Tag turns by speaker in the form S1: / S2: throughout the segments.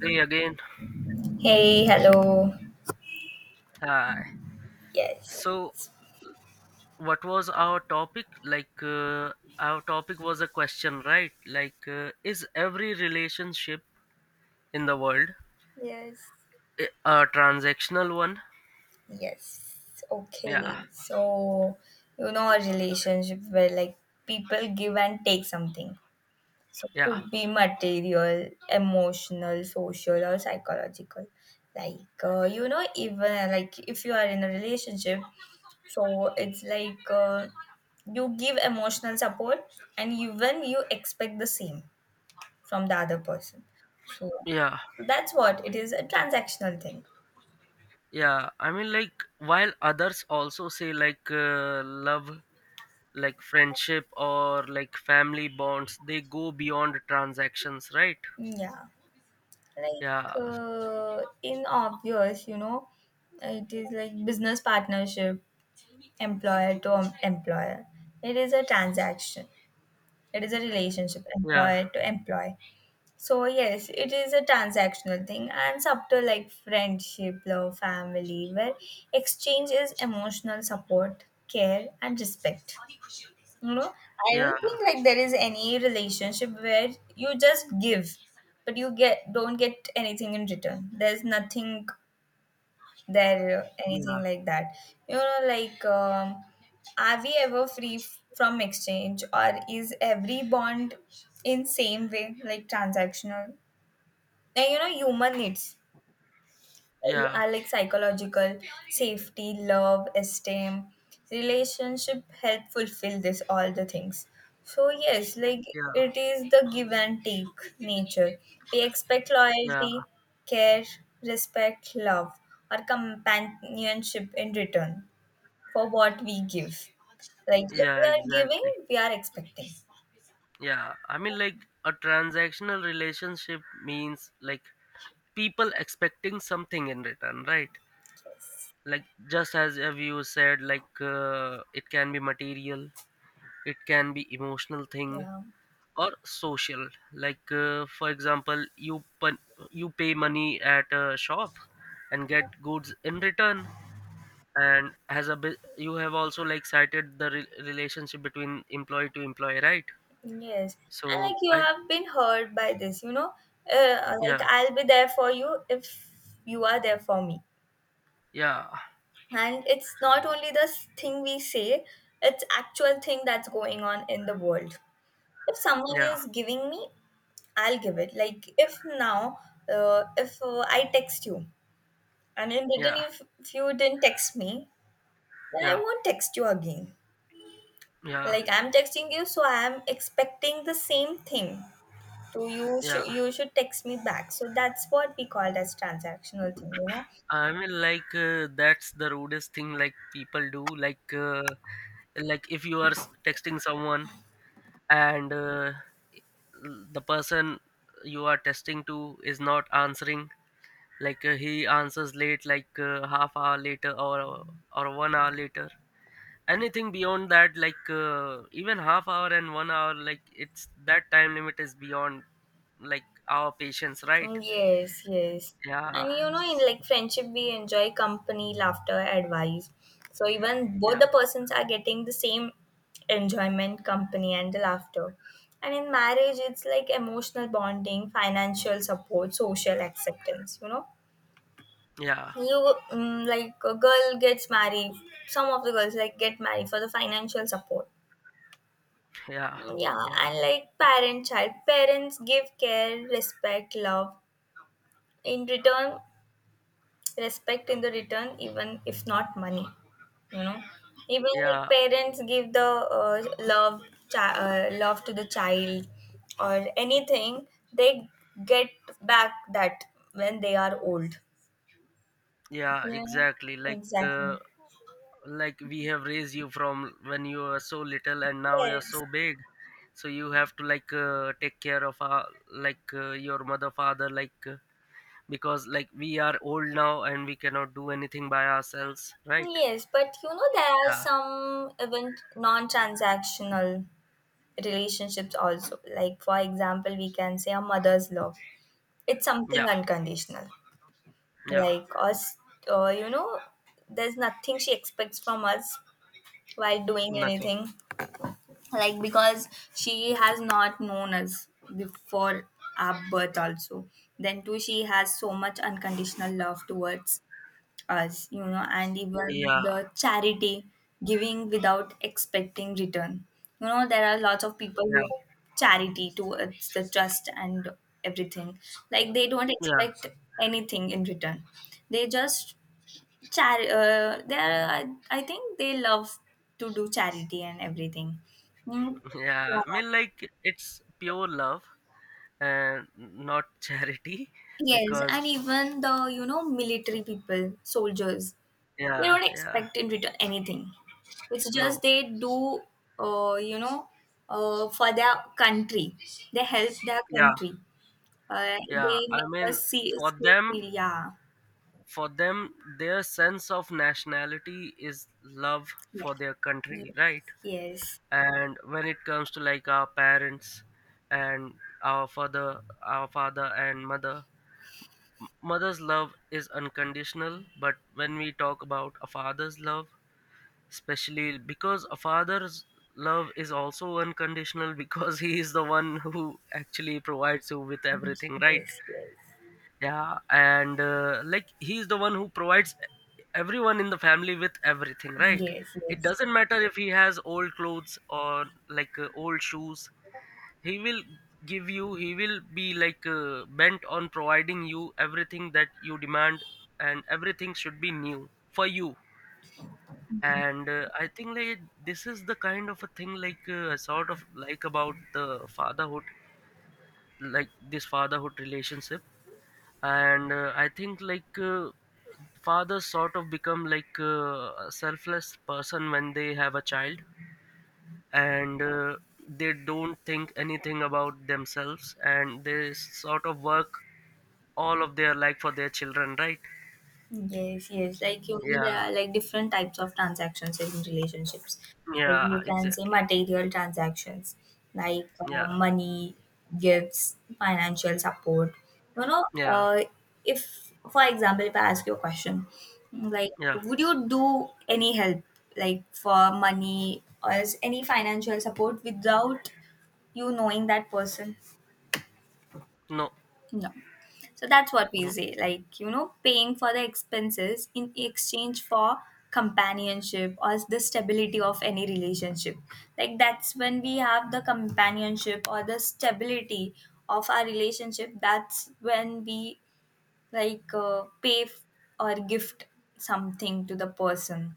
S1: Hey again.
S2: Hey, hello.
S1: Hi.
S2: Yes,
S1: So, what was our topic? Like, our topic was a question, right? Like, is every relationship in the world
S2: Yes.
S1: a transactional one?
S2: Yes.
S1: Yeah,
S2: Okay. So, a relationship where like people give and take something. So,
S1: yeah,
S2: could be material, emotional, social, or psychological. Even like if you are in a relationship, so it's like you give emotional support, and even you expect the same from the other person.
S1: yeah,
S2: So, that's what it is, a transactional thing.
S1: yeah. I mean, like, while others also say, like, love, like friendship, or like family bonds, they go beyond transactions, right?
S2: Yeah,
S1: Yeah,
S2: in obvious, you know, it is like business partnership, employer to employer. It is a transaction. It is a relationship,
S1: yeah,
S2: employer to employee. So yes, it is a transactional thing and subtle like friendship, love, family, where exchange is emotional support, care, and respect. You know, I don't
S1: yeah,
S2: think like there is any relationship where you just give, but you get don't get anything in return. There's nothing there,
S1: yeah,
S2: anything like that. You know, like um, are we ever free from exchange, or is every bond in same way like transactional? And you know, human needs
S1: yeah,
S2: are like psychological safety, love, esteem, relationship help fulfill this all the things. So yes, like
S1: yeah,
S2: it is the give and take nature. We expect
S1: yeah,
S2: loyalty, care, respect, love, or companionship in return for what we give. Like if
S1: yeah,
S2: we are giving,
S1: exactly.
S2: we are expecting.
S1: Yeah, I mean, like a transactional relationship means like people expecting something in return, right? Like just as have you said, like it can be material, it can be emotional thing
S2: Yeah
S1: or social. Like for example, you pay money at a shop and get goods in return. And as a you have also like cited the relationship between employee to employee, right?
S2: Yes, and
S1: So
S2: like you
S1: I
S2: have been hurt by this, you know,
S1: Yeah,
S2: like I'll be there for you if you are there for me.
S1: yeah,
S2: And it's not only the thing we say, it's actual thing that's going on in the world. If someone
S1: yeah,
S2: is giving me, I'll give it. Like if now, if I text you, and in return
S1: yeah,
S2: if, you didn't text me, then I
S1: yeah,
S2: won't text you again.
S1: yeah,
S2: Like I'm texting you, so I'm expecting the same thing. So you
S1: yeah.
S2: should you should text me back. So that's what we call as transactional thing, you know.
S1: I mean, like, that's the rudest thing like people do, like, like if you are texting someone, and the person you are testing to is not answering. Like, he answers late, like, half hour later or 1 hour later. Anything beyond that, like, even half hour and 1 hour, like, it's that time limit is beyond like our patience,
S2: Mm,
S1: right?
S2: yes, yes.
S1: Yeah,
S2: And you know, in like friendship, we enjoy company, laughter, advice. So even both
S1: yeah,
S2: the persons are getting the same enjoyment, company, and the laughter. And in marriage, it's like emotional bonding, financial support, social acceptance. You know,
S1: yeah,
S2: you mm, like a girl gets married. Some of the girls like get married for the financial support.
S1: yeah,
S2: Yeah,
S1: yeah,
S2: and like parent child, parents give care, respect, love. In return, respect in the return, even if not money, you know. Even like
S1: yeah,
S2: parents give the love, love to the child, or anything, they get back that when they are old.
S1: yeah,
S2: Yeah,
S1: exactly. Like,
S2: exactly.
S1: like we have raised you from when you were so little and now you're
S2: Yes,
S1: so big, so you have to, like, take care of our, like, your mother, father, like, because like we are old now and we cannot do anything by ourselves, right?
S2: yes, but you know there are
S1: Yeah,
S2: some even non-transactional relationships also. Like for example, we can say a mother's love, it's something
S1: yeah,
S2: unconditional,
S1: yeah,
S2: like us, you know, there's nothing she expects from us while doing
S1: nothing,
S2: anything, like because she has not known us before our birth also. Then too she has so much unconditional love towards us, you know. And even
S1: yeah,
S2: the charity, giving without expecting return. You know, there are lots of people
S1: yeah,
S2: who charity towards the trust and everything. Like they don't
S1: yeah.
S2: expect anything in return. They just char. They are. I think they love to do charity and everything. Mm.
S1: Yeah, I
S2: Yeah.
S1: mean, like, it's pure love and not charity,
S2: Yes,
S1: because.
S2: and even the, you know, military people, soldiers, they
S1: Yeah,
S2: don't
S1: yeah.
S2: expect in return anything. It's just
S1: No.
S2: they do, uh, you know, for their country. They help their
S1: Yeah.
S2: country. They
S1: Yeah, I
S2: make
S1: mean,
S2: us see,
S1: for
S2: see
S1: them,
S2: feel, yeah,
S1: for them, their sense of nationality is love
S2: yeah,
S1: for their
S2: yes,
S1: country, right?
S2: yes,
S1: And when it comes to like our parents and our father and mother, mother's love is unconditional. But when we talk about a father's love, especially because a father's love is also unconditional because he is the one who actually provides you with
S2: yes,
S1: everything, right?
S2: yes,
S1: Yeah, and like he's the one who provides everyone in the family with everything, right?
S2: yes,
S1: It
S2: yes.
S1: doesn't matter if he has old clothes or, like, old shoes, he will give you, he will be like, bent on providing you everything that you demand, and everything should be new for you. And I think like this is the kind of a thing, like, I sort of like about the fatherhood, like this fatherhood relationship. And I think like, fathers sort of become like, a selfless person when they have a child. And they don't think anything about themselves, and they sort of work all of their life for their children, right?
S2: yes. Like you know,
S1: Yeah,
S2: there are like different types of transactions in relationships. Like
S1: yeah,
S2: you can say
S1: exactly.
S2: material transactions, like
S1: Yeah,
S2: money, gifts, financial support. You know,
S1: yeah,
S2: uh, if for example, if I ask you a question, like
S1: yeah.
S2: would you do any help, like for money or as any financial support, without you knowing that person?
S1: No,
S2: No. So that's what we
S1: no.
S2: say, like, you know, paying for the expenses in exchange for companionship or the stability of any relationship. Like, that's when we have the companionship or the stability of our relationship. That's when we, like, pay or gift something to the person.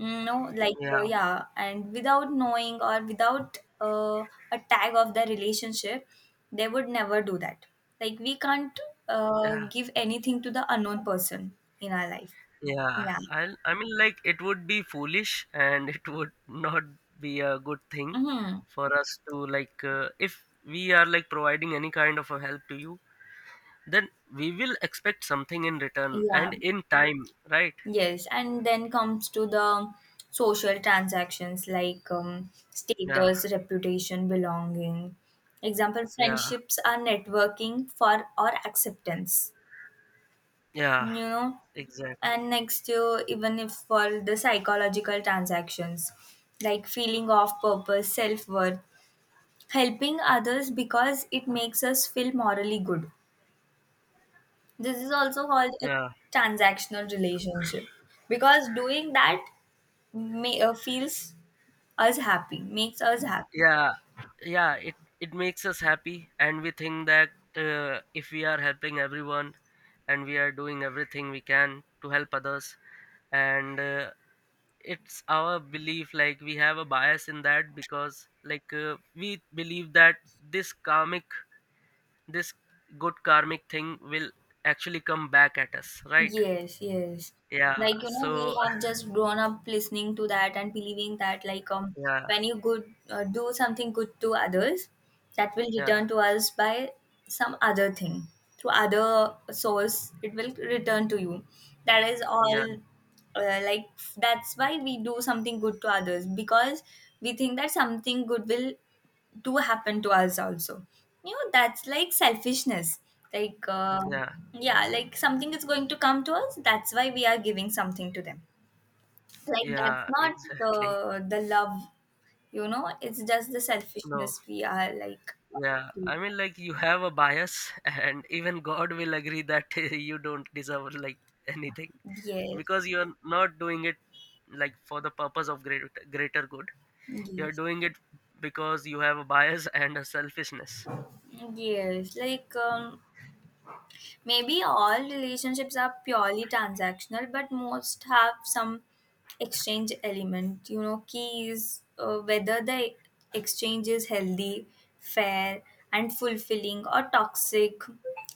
S2: Mm, no,
S1: Yeah,
S2: yeah, and without knowing or without a tag of the relationship, they would never do that. Like we can't
S1: yeah.
S2: give anything to the unknown person in our life.
S1: Yeah,
S2: Yeah.
S1: I mean, like, it would be foolish and it would not be a good thing
S2: Mm-hmm.
S1: for us to, like, if we are like providing any kind of a help to you, then we will expect something in return
S2: Yeah.
S1: and in time, right?
S2: Yes. And then comes to the social transactions like
S1: Yeah,
S2: status, reputation, belonging. Example,
S1: yeah,
S2: friendships are networking for or acceptance,
S1: yeah,
S2: you know.
S1: exactly.
S2: And next year, even if for the psychological transactions like feeling of purpose, self-worth, helping others because it makes us feel morally good, this is also called a
S1: Yeah,
S2: transactional relationship, because doing that feels us happy, makes us happy.
S1: yeah, yeah. It makes us happy, and we think that, if we are helping everyone, and we are doing everything we can to help others. And it's our belief, like, we have a bias in that, because, like, we believe that this karmic, this good karmic thing will actually come back at us, right?
S2: Yes, yes.
S1: Yeah,
S2: Like, you know, we
S1: so.
S2: have just grown up listening to that and believing that, like,
S1: Yeah,
S2: when you good do something good to others, that will
S1: yeah,
S2: return to us by some other thing through other source. It will return to you. That is
S1: yeah,
S2: all. Like that's why we do something good to others, because we think that something good will do happen to us also. You know, that's like selfishness. like uh,
S1: yeah,
S2: yeah, like something is going to come to us, that's why we are giving something to them. Like that's
S1: yeah,
S2: not the
S1: exactly.
S2: the love. You know, it's just the
S1: No.
S2: selfishness, we are like.
S1: Yeah, I mean, like, you have a bias, and even God will agree that you don't deserve, like, anything,
S2: yes
S1: because you're not doing it like for the purpose of greater good. You're
S2: yes
S1: doing it because you have a bias and a selfishness.
S2: yes, like um, maybe all relationships are purely transactional, but most have some exchange element. You know, key is whether the exchange is healthy, fair, and fulfilling, or toxic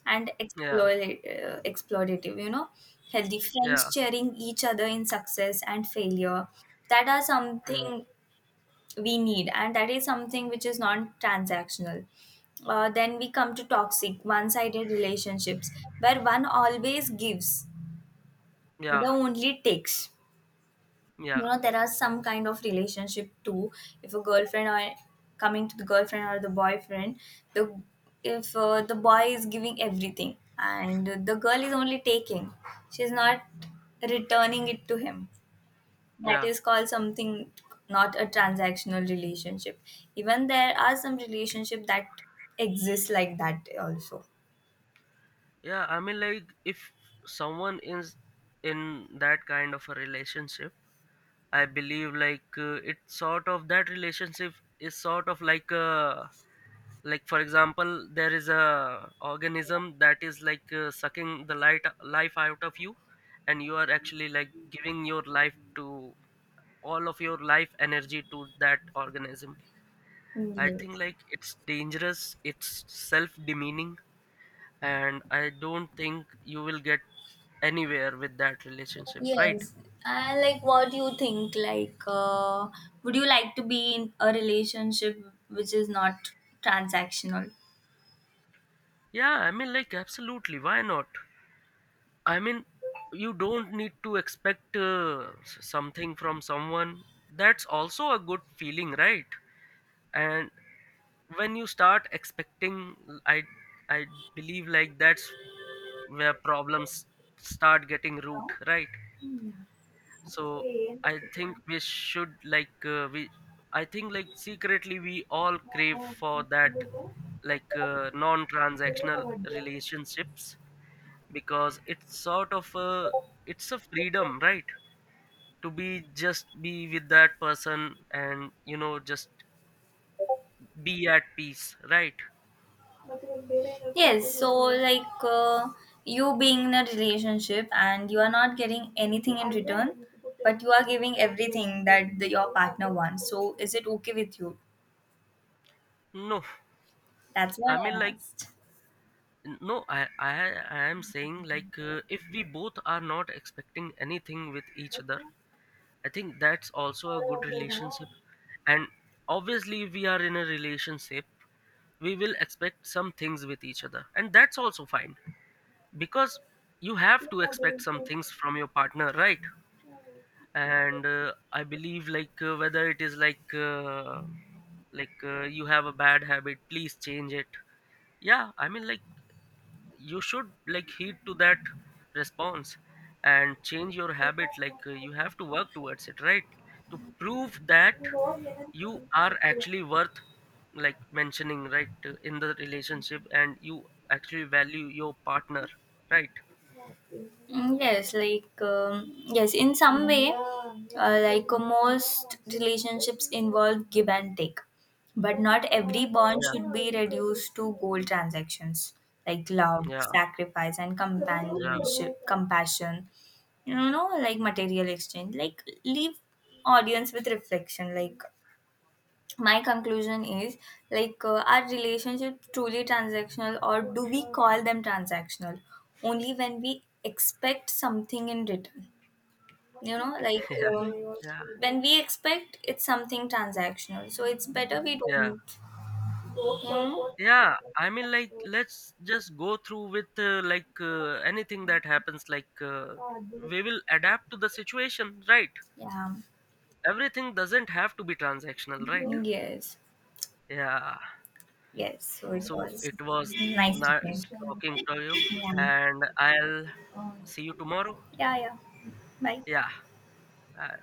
S2: and
S1: Yeah,
S2: exploitative. You know, healthy friends
S1: yeah,
S2: cheering each other in success and failure. That are
S1: yeah,
S2: something we need and that is something which is non-transactional. Then we come to toxic one-sided relationships where one always gives, the
S1: yeah,
S2: only takes. You
S1: yeah,
S2: know, there are some kind of relationship too. If a girlfriend or coming to the girlfriend or the boyfriend, the, if the boy is giving everything and the girl is only taking, she's not returning it to him, that
S1: yeah.
S2: is called something, not a transactional relationship. Even there are some relationship that exist like that also.
S1: Yeah. I mean, like, if someone is in that kind of a relationship, I believe, like, it's sort of that relationship is sort of like a, like, for example, there is a organism that is like, sucking the light life out of you, and you are actually like giving your life to all of your life energy to that organism. I think
S2: Yes.
S1: like it's dangerous, it's self-demeaning, and I don't think you will get anywhere with that relationship, right?
S2: Yes. And like what do you think? Would you like to be in a relationship which is not transactional?
S1: Yeah, I mean, like, absolutely, why not? I mean, you don't need to expect, something from someone. That's also a good feeling, right? And when you start expecting, I believe like that's where problems start getting root,
S2: No.
S1: right? So
S2: Yeah.
S1: I think we should, like, we I think like secretly we all crave for that, like, non-transactional relationships, because it's a freedom, right? To be just be with that person, and just be at peace, right?
S2: Yes, so you being in a relationship and you are not getting anything in return, but you are giving everything that the, your partner wants. So is it okay with you?
S1: No,
S2: That's what
S1: I mean,
S2: I
S1: like,
S2: asked.
S1: no, I am saying, like, if we both are not expecting anything with each other, I think that's also a good relationship. And obviously, we are in a relationship. We will expect some things with each other. And that's also fine, because you have to expect some things from your partner, right? And I believe, like, whether it is like, like, you have a bad habit, please change it. Yeah, I mean, like, you should like heed to that response and change your habit. Like, you have to work towards it, right? To prove that you are actually worth, like, mentioning, right? In the relationship, and you actually value your partner, right?
S2: Mm, yes, like yes, in some way, most relationships involve give and take, but not every bond
S1: Yeah,
S2: should be reduced to gold transactions, like love,
S1: yeah,
S2: sacrifice, and
S1: yeah.
S2: companionship, compassion. You know, like material exchange. Like leave audience with reflection. Like my conclusion is, are relationships truly transactional, or do we call them transactional only when we expect something in return? You know, like
S1: Yeah,
S2: um,
S1: yeah,
S2: when we expect, it's something transactional, so it's better we
S1: yeah,
S2: don't. Hmm.
S1: yeah. I mean, like, let's just go through with, like, anything that happens, like, we will adapt to the situation, right?
S2: Yeah,
S1: Everything doesn't have to be transactional, right?
S2: yes,
S1: Yeah.
S2: yes. So it
S1: So
S2: was
S1: it was
S2: nice to think.
S1: nice talking to you,
S2: Yeah,
S1: and I'll see you tomorrow.
S2: yeah, yeah. Bye.
S1: Yeah. uh,